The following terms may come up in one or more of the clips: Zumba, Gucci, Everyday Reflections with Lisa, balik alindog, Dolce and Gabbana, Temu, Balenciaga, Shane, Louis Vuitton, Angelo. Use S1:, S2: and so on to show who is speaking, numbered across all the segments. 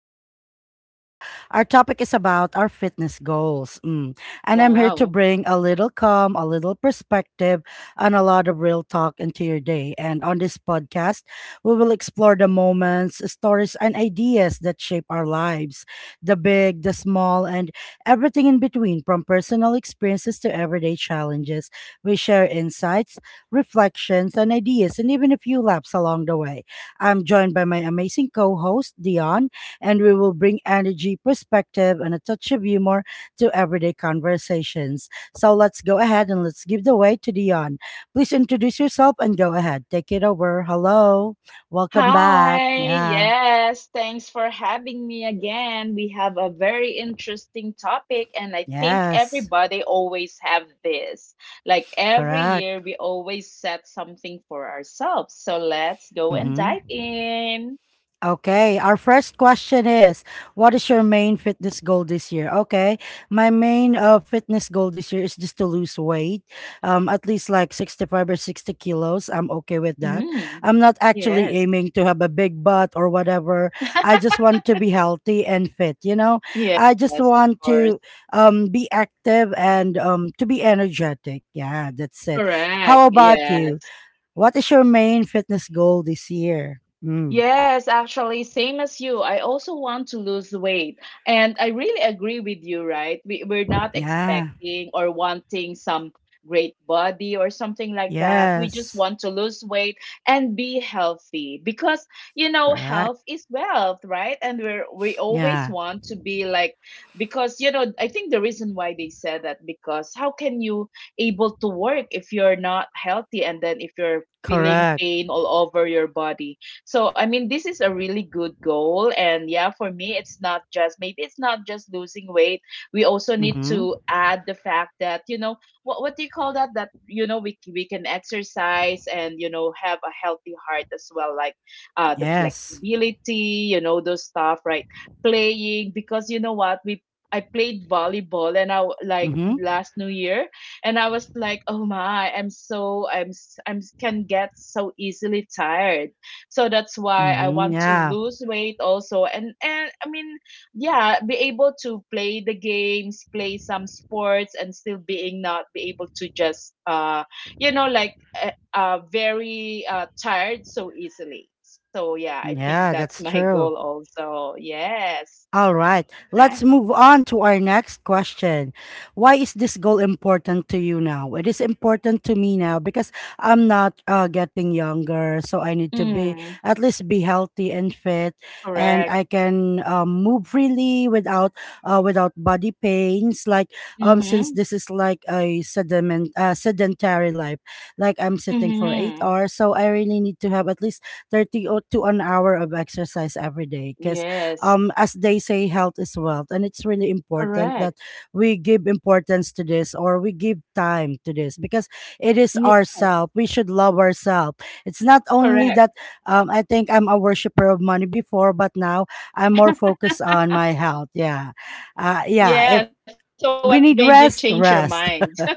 S1: Reflections with Lisa. Our topic is about our fitness goals. Mm. And I'm here to
S2: Wow.
S1: bring a little calm, a little perspective, and a lot of real talk into your day. And on this podcast, we will explore the moments, stories, and ideas that shape our lives, the big, the small, and everything in between, from personal experiences to everyday challenges. We share insights, reflections, and ideas, and even a few laughs along the way. I'm joined by my amazing co host, Dion, and we will bring energy, perspective, and a touch of humor to everyday conversations. So let's go ahead and let's give the way to Dion. Please introduce yourself and go ahead. Take it over. Hello. Welcome back.
S2: Hi,
S1: Yeah.
S2: yes, thanks for having me again. We have a very interesting topic, and I think
S1: Yes.
S2: everybody always have this. Like every year,
S1: Correct.
S2: we always set something for ourselves. So let's go and dive
S1: Mm-hmm.
S2: in.
S1: Okay, our first question is, what is your main fitness goal this year? Okay, my main fitness goal this year is just to lose weight, at least like 65 or 60 kilos. I'm okay with that.
S2: Mhm.
S1: I'm not actually
S2: Yes,
S1: aiming to have a big butt or whatever. I just want to be healthy and fit, you know?
S2: yes,
S1: I just
S2: of
S1: want
S2: course.
S1: to be active and to be energetic. Yeah, that's it.
S2: Correct.
S1: How about you?
S2: Yes.
S1: What is your main fitness goal this year?
S2: Yes, actually, same as you. I also want to lose weight. And I really agree with you, right? We're not
S1: Yeah.
S2: expecting or wanting some great body or something like that. We just
S1: Yes.
S2: want to lose weight and be healthy because, you know,
S1: Correct.
S2: health is wealth, right? We always
S1: Yeah.
S2: want to be like, because, you know, I think the reason why they said that, because how can you able to work if you're not healthy and then if you're feeling
S1: Correct.
S2: pain all over your body? So, I mean, this is a really good goal. And yeah, for me, it's not just maybe it's not just losing weight. We also need
S1: Mm-hmm.
S2: to add the fact that, you know, what do you call that? That, you know, we can exercise and, you know, have a healthy heart as well, like the
S1: Yes.
S2: flexibility, you know, those stuff, right? Playing, because you know what? I played volleyball and like
S1: Mm-hmm.
S2: last New Year and I was like, oh my, I'm so I'm s- can get so easily tired, so that's why I
S1: Mm-hmm.
S2: want to
S1: Yeah.
S2: lose weight also. And I mean, yeah, be able to play the games, play some sports, and still being not be able to just you know like very tired so easily. So yeah, I think
S1: Yeah,
S2: that's my
S1: that's
S2: goal
S1: true.
S2: also. Yes,
S1: All right,
S2: right.
S1: let's move on to our next question. Why is this goal important to you now? It is important to me now because I'm not getting younger, so I need to be
S2: Mm,
S1: at least be healthy and fit, and
S2: correct.
S1: I can move freely without without body pains. Like, since
S2: Mm-hmm.
S1: this is like a sediment sedentary life, like I'm sitting for eight
S2: Mm-hmm.
S1: hours, so I really need to have at least 30 or to an hour of exercise every day because,
S2: Yes,
S1: as they say, health is wealth, and it's really important that
S2: correct.
S1: we give importance to this, or we give time to this because it is
S2: Yes,
S1: ourselves. We should love ourselves. It's not only
S2: correct.
S1: that. I think I'm a worshiper of money before, but now I'm more focused on my health. Yeah.
S2: Yeah,
S1: Yeah,
S2: so
S1: if
S2: what made you
S1: we
S2: change your
S1: need rest,
S2: mind?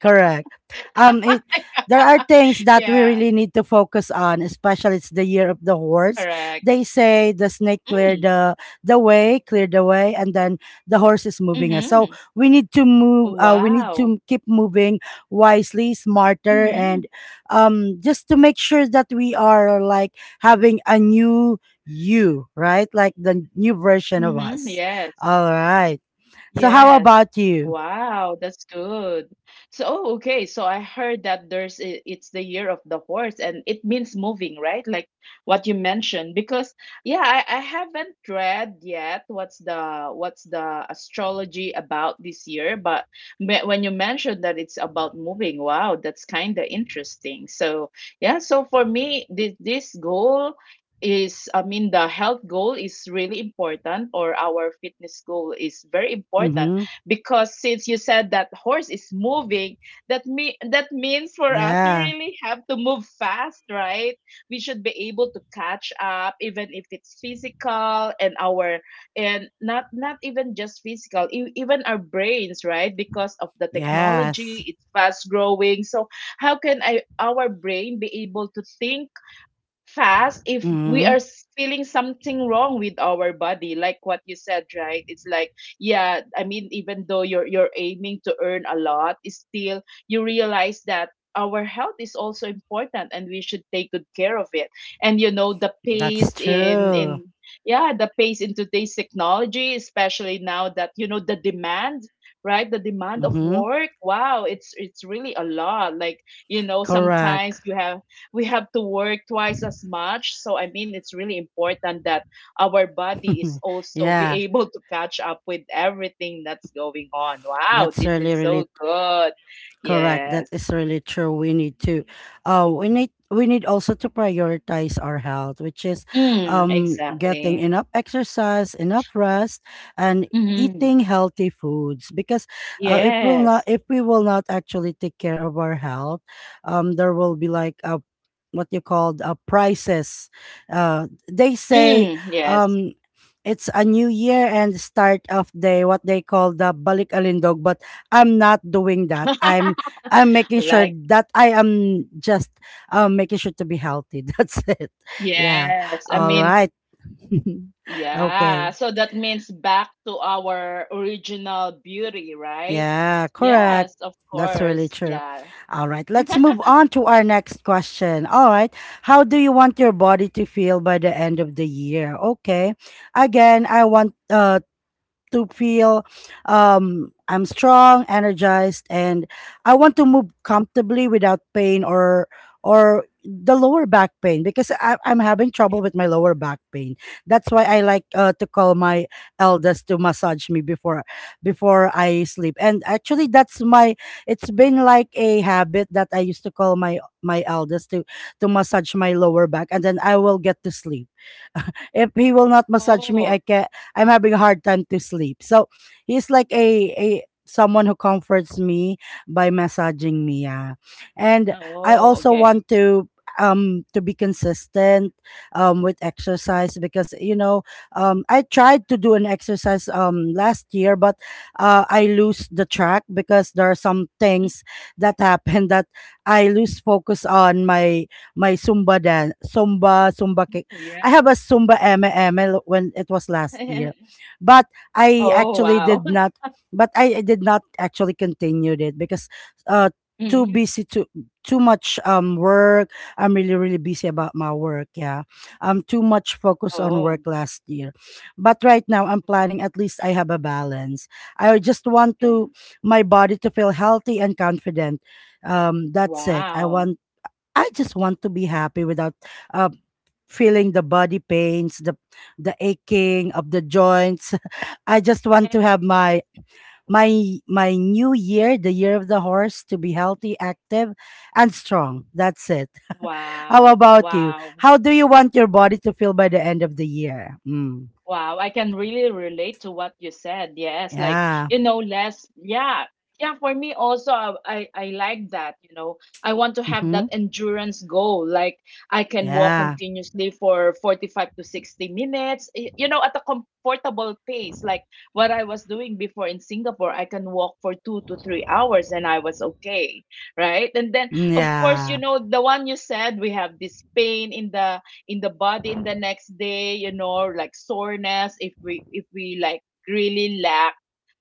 S1: correct. It there are
S2: Yeah.
S1: things that we really need to focus on, especially it's the year of the
S2: Correct.
S1: horse. They say the snake
S2: Mm,
S1: cleared the, cleared the way, and then the horse is moving us.
S2: mhm.
S1: So we need to move. We need
S2: Wow.
S1: to keep moving wisely, smarter,
S2: Mhm,
S1: and just to make sure that we are like having a new you, right? Like the new version of
S2: mhm.
S1: us.
S2: Yes.
S1: All right. So how
S2: Yes.
S1: about you?
S2: Wow, that's good. So, oh, okay. So I heard that it's the year of the horse and it means moving, right? Like what you mentioned. Because yeah, I haven't read yet what's the astrology about this year, but when you mentioned that it's about moving, wow, that's kind of interesting. So, yeah, so for me, this goal is, I mean, the health goal is really important, or our fitness goal is very important,
S1: Mm-hmm.
S2: because since you said that horse is moving, that means for us we
S1: Yeah.
S2: really have to move fast, right? We should be able to catch up even if it's physical, and our and not even just physical, even our brains, right? Because of the
S1: Yes.
S2: technology, it's fast growing. So our brain be able to think fast if we
S1: Hmm.
S2: are feeling something wrong with our body, like what you said, right? It's like, yeah, I mean even though you're aiming to earn a lot, it's still you realize that our health is also important and we should take good care of it. And you know the
S1: That's
S2: pace in
S1: true.
S2: in yeah, the pace in today's technology, especially now that, you know, the demand, right, the demand of
S1: Hmm.
S2: work, wow, it's really a lot. Like, you know,
S1: Correct.
S2: sometimes you have we have to work twice as much. So I mean, it's really important that our body is also be
S1: yeah,
S2: able to catch up with everything that's going on. Wow,
S1: that's
S2: this
S1: really,
S2: is so
S1: really
S2: good.
S1: correct. That
S2: Yes.
S1: is really true. We need to, we need also to prioritize our health, which is,
S2: Mm,
S1: getting
S2: exactly.
S1: enough exercise, enough rest, and
S2: Hmm.
S1: eating healthy foods. Because,
S2: Yes.
S1: if we will not actually take care of our health, there will be like a what you called, prices. They say,
S2: Mm, yes.
S1: um. It's a new year and start of day, what they call the balik alindog, but I'm not doing that. I'm making sure
S2: Like,
S1: that I am just, making sure to be healthy. That's it. Yeah.
S2: yes, I
S1: All
S2: mean,
S1: right. okay.
S2: yeah, so that means back to our original beauty, right?
S1: Yeah, correct.
S2: Yes, of
S1: That's really
S2: course,
S1: true.
S2: yeah.
S1: All right. Let's move on to our next question. All right. How do you want your body to feel by the end of the year? Okay. Again, I want to feel, I'm strong, energized, and I want to move comfortably without pain, or the lower back pain because I'm having trouble with my lower back pain. That's why I like to call my eldest to massage me before I sleep. And actually, that's my. It's been like a habit that I used to call my eldest to massage my lower back, and then I will get to sleep. If he will not massage me,
S2: Oh.
S1: I'm having a hard time to sleep. So he's like a someone who comforts me by massaging me. Yeah, and I
S2: Oh,
S1: also want
S2: okay.
S1: to be consistent with exercise because, you know, I tried to do an exercise last year, but I lose the track because there are some
S2: Mm,
S1: things that happen that I lose focus on my Zumba dance, Zumba Zumba I
S2: yeah.
S1: have a Zumba MML when it was last year, but I
S2: Oh,
S1: actually
S2: wow.
S1: did not. But I did not actually continue it because uh too
S2: Mhm.
S1: busy to too much work. I'm really really busy about my work. Yeah, I'm too much focus on work
S2: Oh,
S1: last year, but right now I'm planning at least I have a balance. I just want
S2: yeah.
S1: to my body to feel healthy and confident. That's it.
S2: Wow.
S1: I just want to be happy without uh, feeling the body pains, the aching of the joints. I just want
S2: Yeah.
S1: to have my my new year, the year of the horse, to be healthy, active, and strong. That's it. How
S2: Wow.
S1: about you?
S2: Wow.
S1: How do you want your body to feel by the end of the year? Mm.
S2: Wow, I can really relate to what you said. Yes, like,
S1: Yeah.
S2: you know, less. Yeah, yeah. For me also, I like that. You know, I want to have
S1: Mm-hmm.
S2: that endurance goal. Like I can walk
S1: Yeah.
S2: continuously for 45 to 60 minutes. You know, at a comfortable pace. Like what I was doing before in Singapore, I can walk for 2 to 3 hours, and I was okay, right? And then,
S1: Mm,
S2: of course, you
S1: yeah.
S2: know, the one you said, we have this pain in the body in the next day, you know, like soreness if we like really lack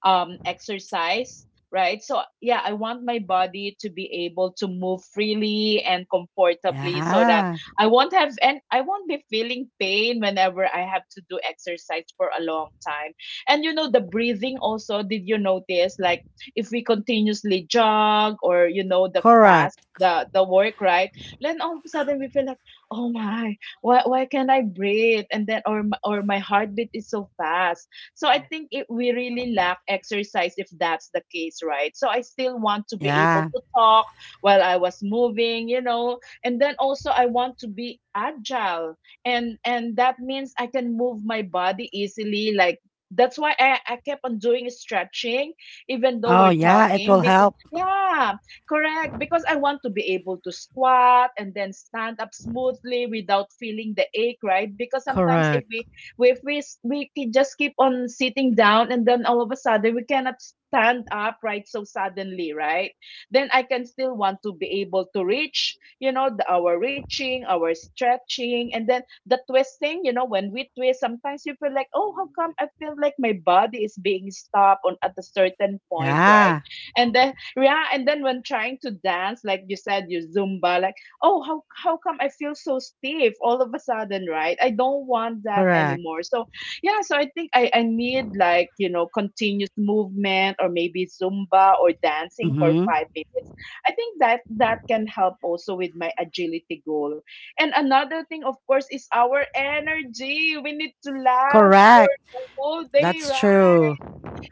S2: exercise, right? So yeah, I want my body to be able to move freely and comfortably so that
S1: Yeah.
S2: I won't be feeling pain whenever I have to do exercise for a long time. And you know the breathing also, did you notice like if we continuously jog, or you know, the fast
S1: Correct.
S2: the work, right, then all of a sudden we feel like, oh my, why can't I breathe? And then or my heartbeat is so fast. So I think it, we really lack exercise if that's the case, right? So I still want to be able
S1: Yeah.
S2: to talk while I was moving, you know. And then also I want to be agile, and that means I can move my body easily, like that's why I kept on doing stretching even though
S1: Oh,
S2: we're
S1: yeah. It
S2: talking,
S1: will
S2: because
S1: help.
S2: yeah. Correct, because I want to be able to squat and then stand up smoothly without feeling the ache, right? Because sometimes
S1: Correct.
S2: if we s- we ke- just keep on sitting down and then all of a sudden we cannot stand up right so suddenly, right? Then I can still want to be able to reach, you know, our reaching, our stretching, and then the twisting, you know, when we twist, sometimes you feel like, oh, how come I feel like my body is being stopped on at a certain point, right?
S1: Yeah.
S2: And then, yeah, and then when trying to dance, like you said, your Zumba, like, oh, how come I feel so stiff all of a sudden, right? I don't want that
S1: Correct.
S2: anymore. So yeah, so I think I need, like, you know, continuous movement or maybe Zumba or dancing for
S1: Mm-hmm.
S2: 5 minutes. I think that that can help also with my agility goal. And another thing, of course, is our energy. We need to last for
S1: Correct.
S2: the whole day,
S1: That's true.
S2: right?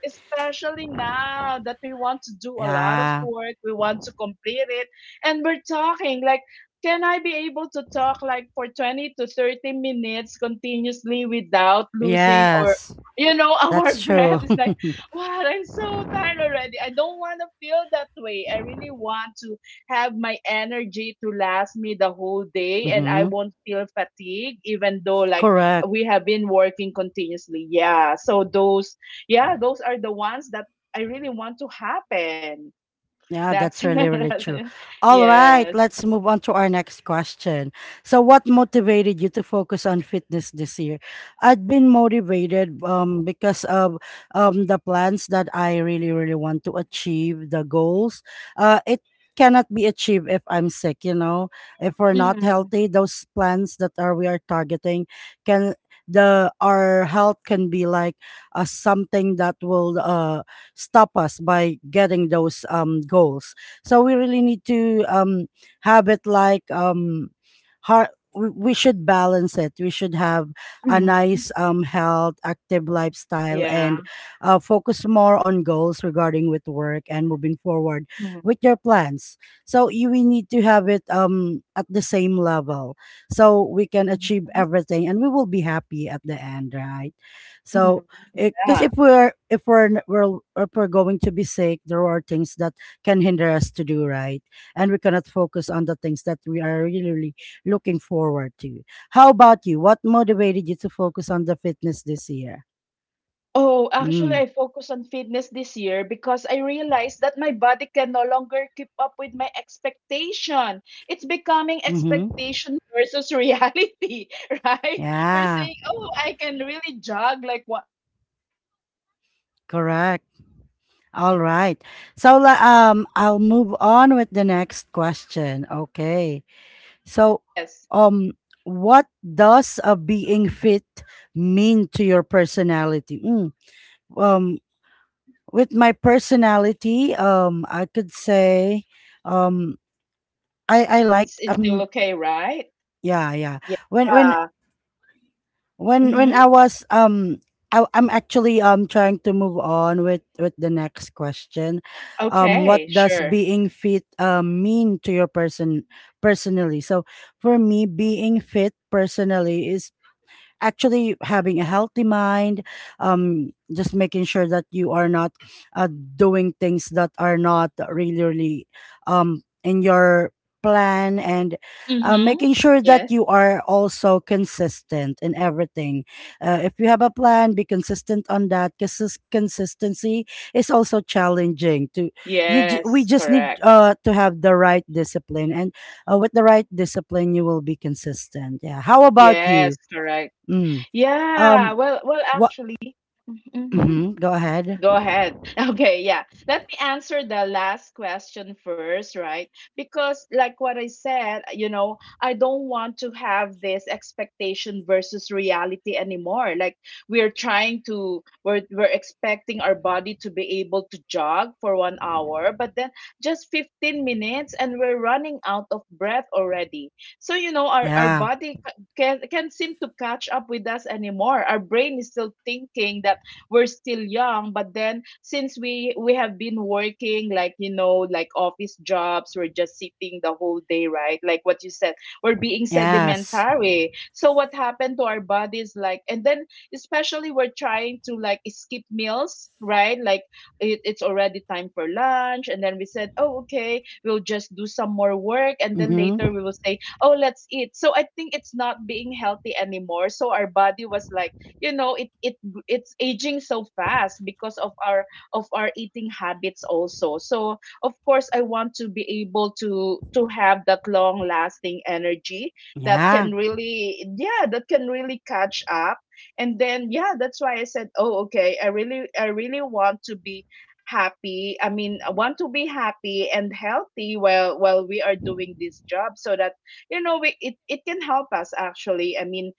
S2: Especially now that we want to do a lot of
S1: Yeah.
S2: work, we want to complete it, and we're talking like, can I be able to talk like for 20 to 30 minutes continuously without losing, or
S1: Yes.
S2: you know, our
S1: That's true.
S2: breath is like, wow, I'm so tired already. I don't want to feel that way. I really want to have my energy to last me the whole day, and I
S1: mm-hmm.
S2: won't feel fatigue even though like
S1: Correct.
S2: we have been working continuously. Yeah, so those, yeah, those are the ones that I really want to happen.
S1: Yeah,
S2: That's,
S1: that's really, really
S2: that's it.
S1: true. All right,
S2: Yes.
S1: let's move on to our next question. So, what motivated you to focus on fitness this year? I'd been motivated because of the plans that I really, really want to achieve, the goals. It cannot be achieved if I'm sick, you know, if we're not
S2: Mm-hmm.
S1: healthy, those plans that are we are targeting can the our health can be like, something that will stop us by getting those goals. So we really need to, have it like hard we should balance it. We should have a
S2: Mm-hmm.
S1: nice, health, active lifestyle,
S2: Yeah.
S1: and focus more on goals regarding with work and moving forward
S2: Mm-hmm.
S1: with your plans. So we need to have it, at the same level, so we can achieve everything, and we will be happy at the end, right?
S2: Mm-hmm.
S1: So because
S2: Yeah.
S1: if we're going to be sick, there are things that can hinder us to do right, and we cannot focus on the things that we are really, really looking forward to. How about you? What motivated you to focus on the fitness this year?
S2: Oh, actually,
S1: Mm,
S2: I focus on fitness this year because I realized that my body can no longer keep up with my expectation. It's becoming
S1: mm-hmm.
S2: expectation versus reality, right? We're
S1: Yeah.
S2: saying, "Oh, I can really jog," like what you will tell yourself, "Oh, I will jog
S1: Correct.
S2: for one
S1: All
S2: hour,"
S1: right.
S2: but then you
S1: So
S2: have been in
S1: I'll move
S2: your
S1: on with the next question. Okay, so,
S2: Yes,
S1: um, what does being fit mean to your personality? Um with my personality, I could say, um I liked
S2: it's still okay, right?
S1: yeah, yeah. when when
S2: Yeah.
S1: when I
S2: Mm-hmm.
S1: was I, I'm actually trying to move on with the next question. What
S2: Okay,
S1: does
S2: sure.
S1: being fit mean to your personally? So for me, being fit personally is actually having a healthy mind, just making sure that you are not uh, doing things that are not really really in your plan, and
S2: Mm-hmm.
S1: making sure that
S2: Yes.
S1: you are also consistent in everything. If you have a plan, be consistent on that, because consistency is also challenging to we
S2: Yes,
S1: just need,
S2: correct.
S1: to have the right discipline, and with the right discipline, you will be consistent. Yeah, how about
S2: Yes,
S1: you?
S2: correct.
S1: Mm.
S2: Yeah,
S1: Um,
S2: well, well,
S1: what?
S2: actually, mhm, mhm.
S1: Hmm, go ahead.
S2: Go ahead. Okay, yeah. Let me answer the last question first, right? Because, like what I said, you know, I don't want to have this expectation versus reality anymore. Like, we're expecting our body to be able to jog for 1 hour, but then just 15 minutes and we're running out of breath already. So, you know, our
S1: Yeah.
S2: body can seem to catch up with us anymore. Our brain is still thinking that we're still young but then since we have been working, like like office jobs. We're just sitting the whole day, right? Like what you said, we're being
S1: Yes.
S2: sedimentary, so what happened to our bodies, like. And then especially we're trying to like skip meals, right? Like it's already time for lunch, and then we said, "Oh, okay, we'll just do some more work," and then
S1: Mm-hmm.
S2: later we will say, "Oh, let's eat." So I think it's not being healthy anymore. So our body was like, you know it it it's aging so fast because of our eating habits also. So of course I want to be able to have that long lasting energy that
S1: Yeah.
S2: can really, yeah, that can really catch up. And then, yeah, that's why I said, "Oh, okay, I really want to be happy." I mean, I want to be happy and healthy while we are doing this job, so that it can help us, actually. I mean,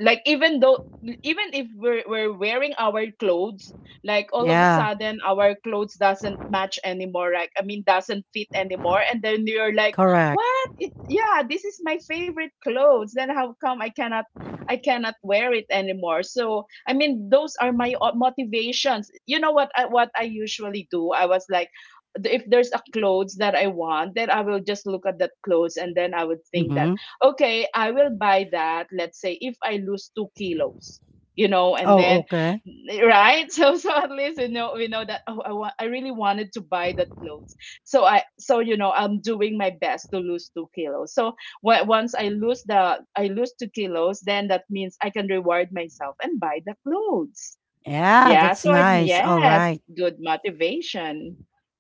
S2: like, even if we're wearing our clothes, like all of a
S1: Yeah.
S2: sudden our clothes doesn't match anymore, like, I mean, doesn't fit anymore, and then you're like,
S1: Correct.
S2: yeah, this is my favorite clothes, then how come I cannot wear it anymore. So, I mean, those are my motivations. You know what I usually do? I was like, if there's a clothes that I want, then I will just look at that clothes, and then I would think that,
S1: Mm-hmm.
S2: okay, I will buy that. Let's say if I lose 2 kilos, and
S1: Oh,
S2: then
S1: okay.
S2: right. So at least, we know that, oh, I want, I really wanted to buy that clothes. So I'm doing my best to lose 2 kilos. So once I lose the I lose 2 kilos, then that means I can reward myself and buy the clothes.
S1: Yeah,
S2: Yeah.
S1: that's
S2: So I
S1: nice. All
S2: Yes,
S1: right.
S2: good motivation.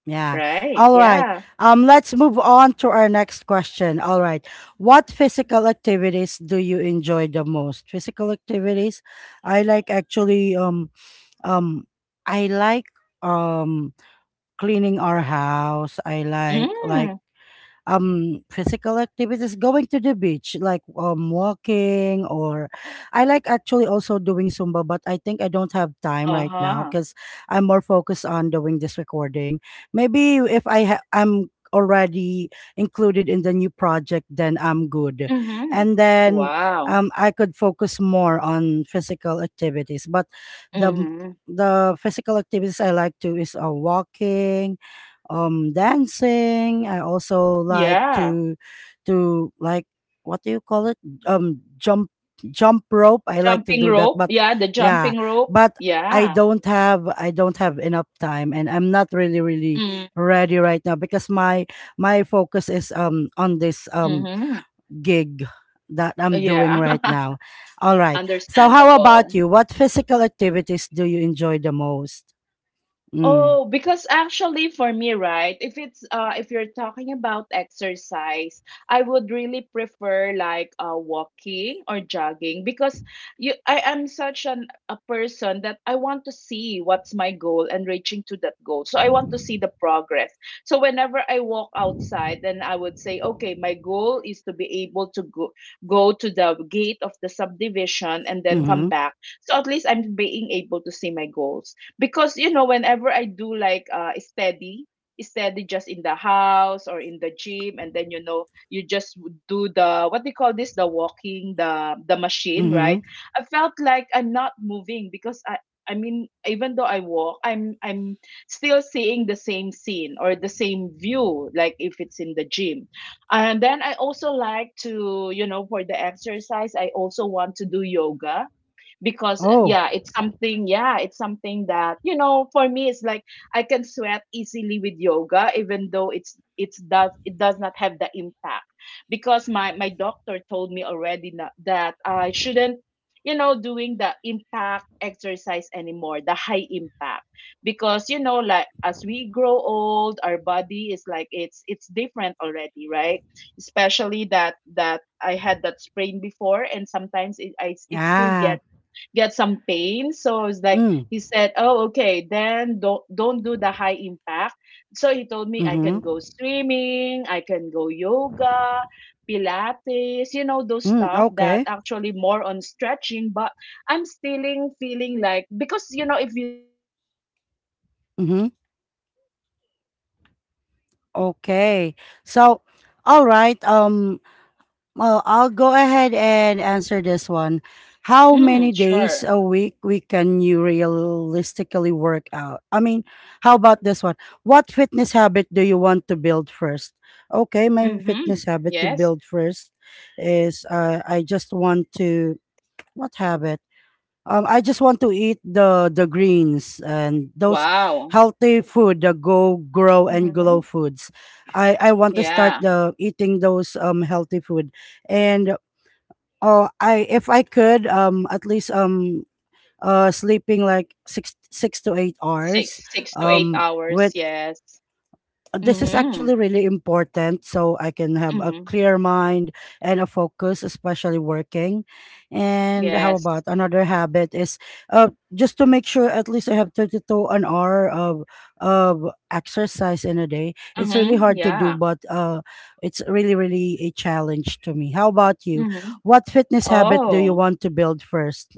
S1: Yeah.
S2: Right.
S1: All right.
S2: Yeah.
S1: Let's move on to our next question. All right. What physical activities do you enjoy the most? Physical activities. I like actually, um I like, um cleaning our house. I like
S2: Mm.
S1: physical activities, going to the beach, like, walking, or I like actually also doing Zumba, but I think I don't have time
S2: Uh
S1: right now
S2: huh.
S1: because I'm more focused on doing this recording. Maybe if I'm already included in the new project, then I'm good,
S2: Mm-hmm.
S1: and then,
S2: Wow.
S1: I could focus more on physical activities. But the
S2: Mm-hmm.
S1: the physical activities I like to is, walking, dancing. I also like
S2: Yeah.
S1: to like, what do you call it, um jump jump rope. I like to
S2: Jumping
S1: do that,
S2: rope.
S1: but,
S2: Yeah, the
S1: yeah,
S2: jumping rope.
S1: but
S2: Yeah.
S1: I don't have enough time, and I'm not really really
S2: Mm.
S1: ready right now because my focus is on this,
S2: Mm-hmm.
S1: gig that I'm doing
S2: Yeah.
S1: right now. All right. So how about
S2: Understandable.
S1: you? What physical activities do you enjoy the most? Mm.
S2: Oh, because actually, for me, right, if it's if you're talking about exercise, I would really prefer like walking or jogging, because you I am such an a person that I want to see what's my goal and reaching to that goal. So I want to see the progress. So whenever I walk outside, then I would say, okay, my goal is to be able to go go to the gate of the subdivision and then come
S1: Mm-hmm.
S2: back. So at least I'm being able to see my goals. Because, whenever I do like steady, just in the house or in the gym, and then, you just do the — what they call this — the walking the machine, right?
S1: Mm-hmm.
S2: I felt like I'm not moving, because I mean, even though I walk, I'm still seeing the same scene or the same view, like if it's in the gym. And then I also like to, for the exercise, I also want to do yoga, because
S1: Oh.
S2: yeah, it's something that, for me, it's like I can sweat easily with yoga, even though it does not have the impact, because my doctor told me already, that I shouldn't, doing the impact exercise anymore, the high impact. Because, like, as we grow old, our body is like, it's different already, right? Especially that I had that sprain before, and sometimes it still
S1: Ah.
S2: get some pain. So it's like,
S1: Mm.
S2: he said, "Oh, okay, then don't do the high impact." So he told me I can
S1: Mhm.
S2: go swimming, I can go yoga, pilates, those
S1: Mm.
S2: stuff that
S1: Okay.
S2: actually more on stretching. But I'm still feeling like, because, if you do yoga, right? You
S1: Mhm.
S2: can really feel that your body is being
S1: Okay.
S2: stretched,
S1: So,
S2: and then you can
S1: all
S2: have more
S1: right.
S2: focus.
S1: Well, I'll go ahead and answer this one. How
S2: Mm,
S1: many days
S2: sure.
S1: a week we can you realistically work out? I mean, how about this one? What fitness habit do you want to build first? Okay, my fitness
S2: Mhm.
S1: habit to
S2: Yes.
S1: build first is I just want to what habit? I just want to eat the greens and those
S2: Wow.
S1: healthy food, the go grow and glow
S2: Mhm.
S1: foods. I want to start
S2: Yeah.
S1: the eating those healthy food and oh I if I could at least sleeping like 6 to 8 hours
S2: 6 to 8 hours,
S1: with
S2: yes.
S1: this is
S2: Mhm,
S1: actually really important so I can have a
S2: mhm.
S1: clear mind and a focus, especially working. And how
S2: Yes.
S1: about another habit is uh, just to make sure at least I have 30 to an hour of exercise in a day. It's really
S2: Mhm,
S1: hard to do,
S2: yeah.
S1: but it's really, really a challenge to me. How about you?
S2: Mhm.
S1: What fitness habit do you
S2: Oh.
S1: want to build first?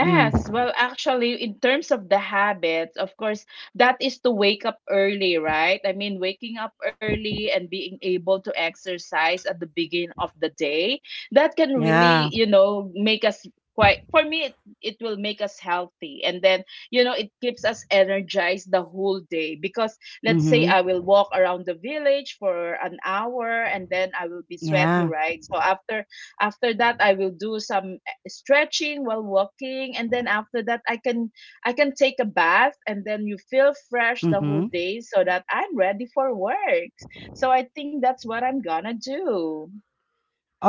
S1: Mm.
S2: well, actually, in terms of the habits, of course, that is to wake up early, right? I mean, waking up early and being able to exercise at the beginning of the day, that can really,
S1: Yeah.
S2: make us, quite, for me, it will make us healthy. And then, it keeps us energized the whole day, because let's say
S1: Mm-hmm.
S2: I will walk around the village for an hour, and then I will be sweaty,
S1: Yeah.
S2: right? So after that I will do some stretching while walking, and then after that I can take a bath, and then you feel fresh the whole
S1: Mm-hmm.
S2: day, so that I'm ready for work. So I think that's what I'm gonna do.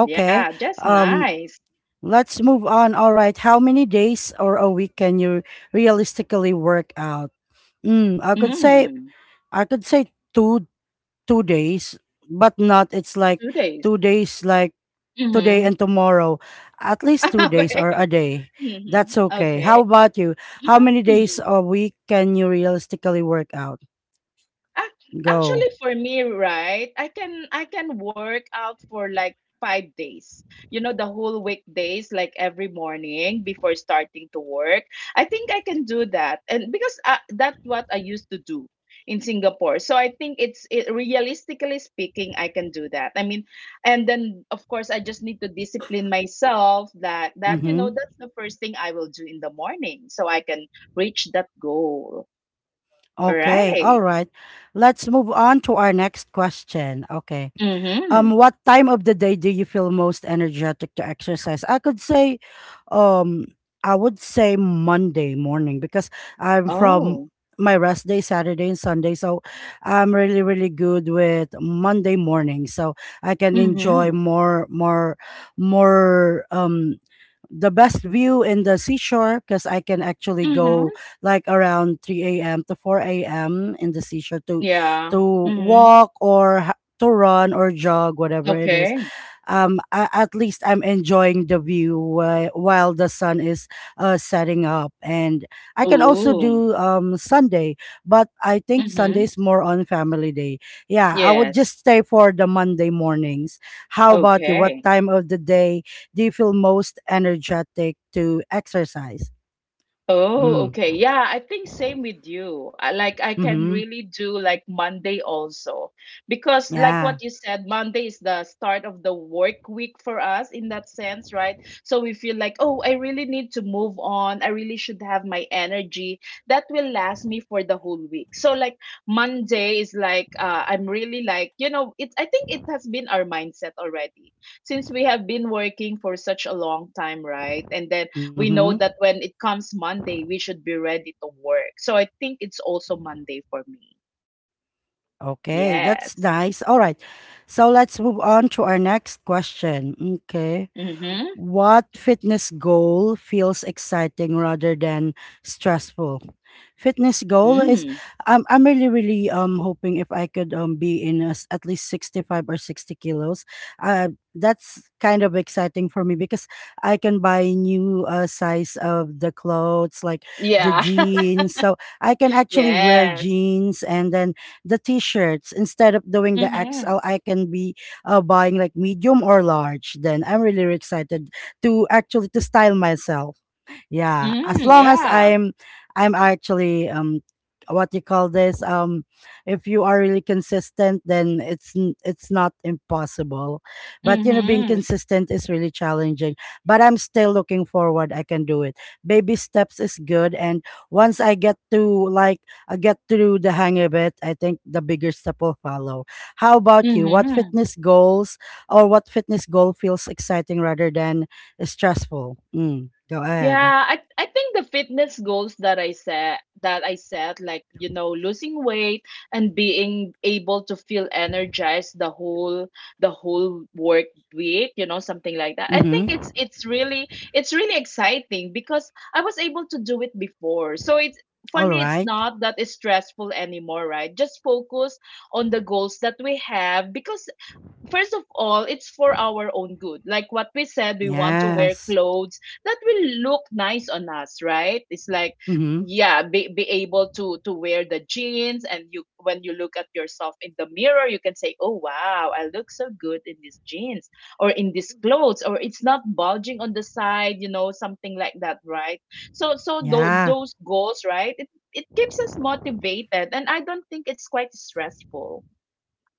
S2: Yeah, just
S1: Um,
S2: nice.
S1: Let's move on. All right. How many days or a week can you realistically work out? Mm,
S2: Mm,
S1: I could say two days, but not it's like
S2: 2 days.
S1: 2 days like today
S2: Mm-hmm.
S1: and tomorrow. At least two days or
S2: Okay.
S1: a day.
S2: Mm-hmm.
S1: That's okay.
S2: Okay.
S1: How about you? How many days
S2: Mhm.
S1: a week can you realistically work out? Go.
S2: Actually, for me, right, I can work out for like 5 days. The whole weekdays, like every morning before starting to work. I think I can do that. And because that's what I used to do in Singapore. So I think realistically speaking, I can do that. I mean, and then, of course, I just need to discipline myself that
S1: Mm-hmm.
S2: that's the first thing I will do in the morning, so I can reach that goal. All
S1: Okay.
S2: right.
S1: All right. Let's move on to our next question. Okay.
S2: Mm-hmm.
S1: What time of the day do you feel most energetic to exercise? I could say um I would say Monday morning because I'm from
S2: Oh.
S1: my rest day Saturday and Sunday, so I'm really, really good with Monday morning, so I can enjoy
S2: Mhm.
S1: more more um the best view in the seashore because I can actually
S2: Mhm.
S1: go like around 3 a.m. to 4 a.m. in the seashore to
S2: Yeah. Mhm.
S1: walk or to run or jog, whatever it is.
S2: Okay.
S1: At least I'm enjoying the view while the sun is setting up, and I can also
S2: Ooh.
S1: do Sunday, but I think Sunday
S2: Mhm.
S1: is more on family day. Yeah, I would
S2: Yes.
S1: just stay for the Monday mornings. How about you? What
S2: Okay.
S1: time of the day do you feel most energetic to exercise?
S2: Oh,
S1: Mm.
S2: okay. Yeah, I think same with you. Like, I can
S1: Mm-hmm.
S2: really do like Monday also. Because, like
S1: Yeah.
S2: what you said, Monday is the start of the work week for us, in that sense, right? So we feel like, "Oh, I really need to move on. I really should have my energy that will last me for the whole week." So, like, Monday is like I'm really, like, you know, it I think it has been our mindset already since we have been working for such a long time, right? And then we
S1: Mm-hmm.
S2: know that when it comes Monday, we should be ready to work. So I think it's also Monday for me.
S1: Okay, that's
S2: Yes.
S1: nice. All right, so let's move on to our next question. Okay.
S2: Mm-hmm.
S1: What fitness goal feels exciting rather than stressful? Fitness goal is
S2: Mm.
S1: I'm really, really hoping if I could be in a s at least 65 or 60 kilos. That's kind of exciting for me because I can buy new size of the clothes like the
S2: Yeah.
S1: jeans. So I can actually wear
S2: Yes.
S1: jeans and then the t-shirts instead of doing the
S2: Mm-hmm.
S1: XL. I can be buying like medium or large. Then I'm really, really excited to actually to style myself. Yeah, as
S2: Mm,
S1: long as
S2: yeah.
S1: I'm actually what you call this, if you are really consistent, then it's it's not impossible, but you know being
S2: Mm-hmm.
S1: consistent is really challenging, but I'm still looking forward I can do it. Baby steps is good, and once I get to like I get through the hang of it, I think the bigger step will follow. How about you? What
S2: Mm-hmm.
S1: fitness goals or what fitness goal feels exciting rather than stressful? Mm, go ahead.
S2: Yeah, I think the fitness goals that I set like, losing weight and being able to feel energized the whole work week, something like that. I think
S1: Mm-hmm.
S2: it's really exciting, because I was able to do it before. So, it's for
S1: All
S2: me, it's
S1: right.
S2: not that it's stressful anymore, right? Just focus on the goals that we have, because first of all, it's for our own good. Like what we said, we want to wear
S1: Yes.
S2: clothes that will look nice on us, right? It's like,
S1: Mm-hmm.
S2: yeah, be able to wear the jeans, and you when you look at yourself in the mirror, you can say, "Oh wow, I look so good in these jeans or in these clothes, or it's not bulging on the side," you know, something like that, right? So
S1: Yeah.
S2: those goals, right? It keeps us motivated, and I don't think it's quite stressful,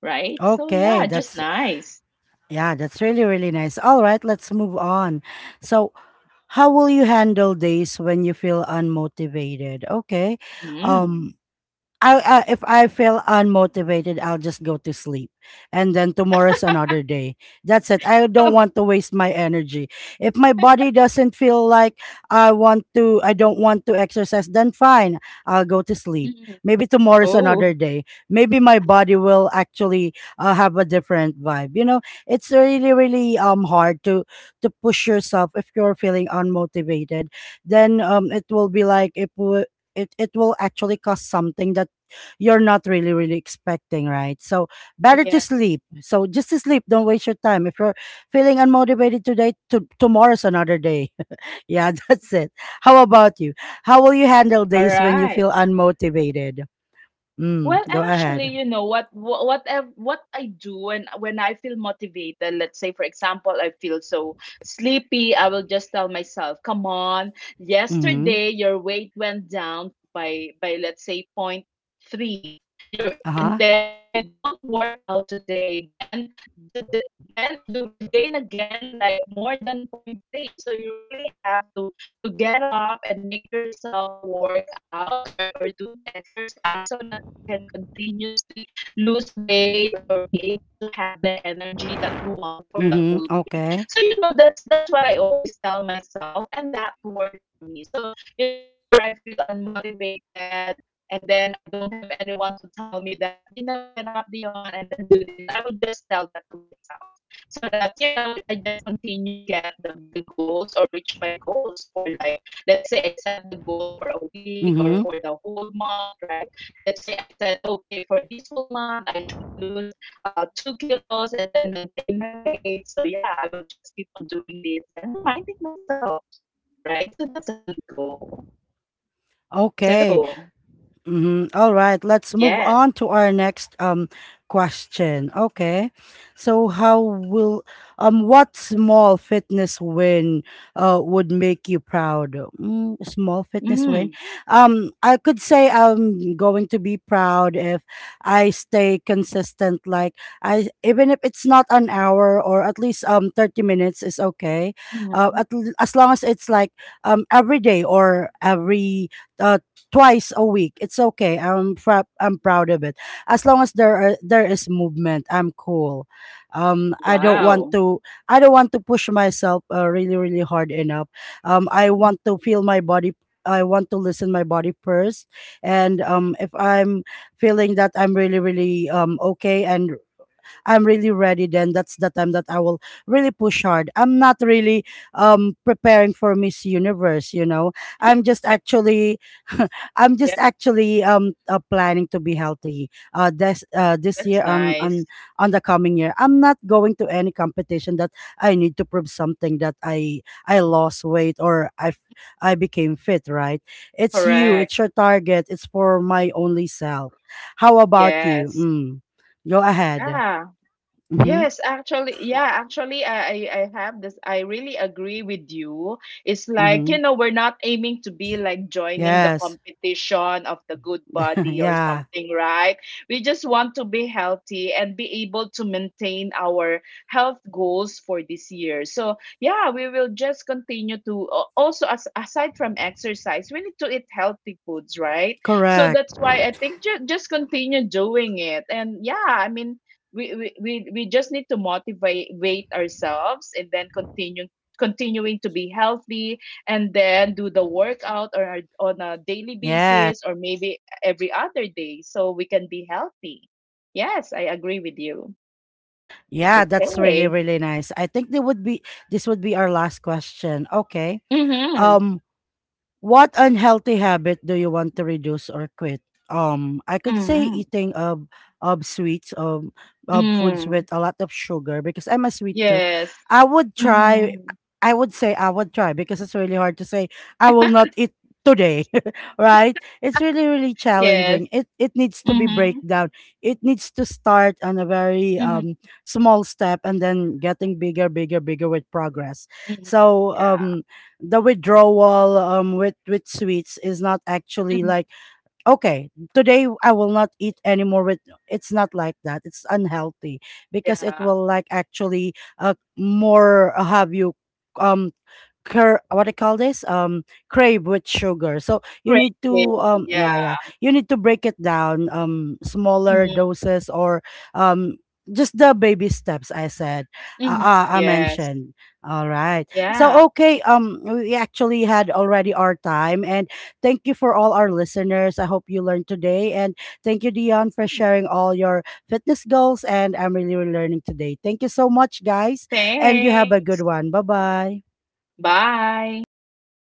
S2: right? So,
S1: Okay.
S2: yeah, just
S1: That's
S2: nice.
S1: yeah, that's really, really nice. All right, let's move on. So how will you handle days when you feel unmotivated? Okay.
S2: Mm.
S1: Um I if I feel unmotivated, I'll just go to sleep, and then tomorrow's another day. That's it. I don't want to waste my energy. If my body doesn't feel like I want to, I don't want to exercise, then fine, I'll go to sleep.
S2: Mm.
S1: Maybe tomorrow's
S2: Oh,
S1: another day. Maybe my body will actually have a different vibe. You know, it's really, really hard to push yourself if you're feeling unmotivated. Then it will be like it will actually cause something that you're not really, really expecting, right? So better to
S2: yeah.
S1: sleep. So just to sleep, don't waste your time if you're feeling unmotivated today. Tomorrow's another day. Yeah, that's it. How about you? How will you handle
S2: All
S1: days when you
S2: right.
S1: feel unmotivated? Mm,
S2: Well,
S1: go
S2: actually,
S1: ahead.
S2: you know what I do when I feel motivated, let's say, for example, I feel so sleepy, I will just tell myself, "Come on,
S1: Mm-hmm.
S2: yesterday your weight went down by let's say 0.3. Your and
S1: Uh-huh.
S2: then if you don't work out today, then the, the- then you will gain again, like, more than 0.3. So you really have to get up and make yourself work out, or do the exercise, so that you can continuously lose weight or be able to have the energy that you want for the
S1: Mm-hmm.
S2: whole day."
S1: Okay.
S2: So that's what I always tell myself, and that worked for me. So whenever I feel unmotivated and then I don't have anyone to tell me that, you know, get up, Dion, and then do this, I will just tell that to myself, so that I just continue, get the goals or reach my goals for, like, let's say, I set the goal for a week or
S1: Mm-hmm.
S2: for the whole month, right? Let's say I said, "Okay, for this whole month I should lose 2 kilos and then maintain my weight." So, yeah, I will just keep on doing this, then reminding myself, right? So that's a good goal.
S1: Okay.
S2: So,
S1: Mhm. All right, let's
S2: yeah.
S1: move on to our next question. Okay. So how will What small fitness win would make you proud? Mm, small fitness win.
S2: Mm-hmm.
S1: I could say I'm going to be proud if I stay consistent like I even if it's not an hour or at least 30 minutes is okay.
S2: Mm-hmm.
S1: As long as it's like every day or every uh, twice a week. It's okay. I'm proud of it. As long as there is movement, I'm cool. I don't want
S2: Wow.
S1: to I don't want to push myself really, really hard enough. I
S2: Mhm.
S1: want to feel my body. I want to listen my body first, and if I'm feeling that I'm really, really okay and I'm really ready, then that's the time that I will really push hard. I'm not really preparing for Miss Universe, you know. I'm just
S2: Yeah.
S1: actually I'm just
S2: Yeah,
S1: actually planning to be healthy this this year
S2: that's
S1: on
S2: nice.
S1: on the coming year. I'm not going to any competition that I need to prove something that I lost weight or I became fit, right?
S2: Correct.
S1: It's your target, it's for my only self. How about you?
S2: Yes.
S1: Mm. Go ahead.
S2: Yeah.
S1: Mm-hmm.
S2: Yes, actually, yeah, actually, I have this. I really agree with you. It's like,
S1: Mm-hmm.
S2: you know, we're not aiming to be like joining the
S1: Yes.
S2: competition of the good body or
S1: Yeah.
S2: something, right? We just want to be healthy and be able to maintain our health goals for this year. So, yeah, we will just continue to also, as, aside from exercise, we need to eat healthy foods, right? So
S1: Correct.
S2: that's why I think ju just continue doing it. And yeah, I mean, we just need to motivate weight ourselves, and then continue continuing to be healthy, and then do the workout, or on a daily
S1: Yeah.
S2: basis, or maybe every other day, so we can be healthy. Yes, I agree with you.
S1: Yeah, that's really,
S2: Okay.
S1: really nice. I think they would be this would be our last question. Okay.
S2: Mm-hmm.
S1: Um, What unhealthy habit do you want to reduce or quit? I could say
S2: Mm-hmm.
S1: eating of sweets, of foods
S2: Mm.
S1: with a lot of sugar because I'm a sweet tooth.
S2: Yes.
S1: I would try.
S2: Mm-hmm.
S1: I would say I would try because it's really hard to say I will not eat today, right? It's really, really
S2: Yes.
S1: challenging. It needs to be
S2: Mm-hmm.
S1: breakdown. It needs to start on a very
S2: Mm-hmm.
S1: small step and then getting bigger, bigger, bigger with progress.
S2: Hmm.
S1: So
S2: Yeah.
S1: the withdrawal with sweets is not actually
S2: Mm-hmm.
S1: like okay today I will not eat anymore with. It's not like that. It's unhealthy because it
S2: Yeah.
S1: will like actually more have you um cur what do you call this, crave with sugar, so you need
S2: Crazy.
S1: to
S2: Yeah.
S1: yeah, yeah, you need to break it down smaller
S2: Mm-hmm.
S1: doses or um just the baby steps I said,
S2: Mm-hmm.
S1: I
S2: Yes.
S1: mentioned. All right, so
S2: Yeah.
S1: okay, we actually had already our time, and thank you for all our listeners. I hope you learned today, and thank you, Dion, for
S2: Mhm.
S1: sharing all your fitness goals, and I'm really learning today. Thank you so much, guys, and you have a good
S2: Thanks.
S1: one. Bye bye.
S2: Bye.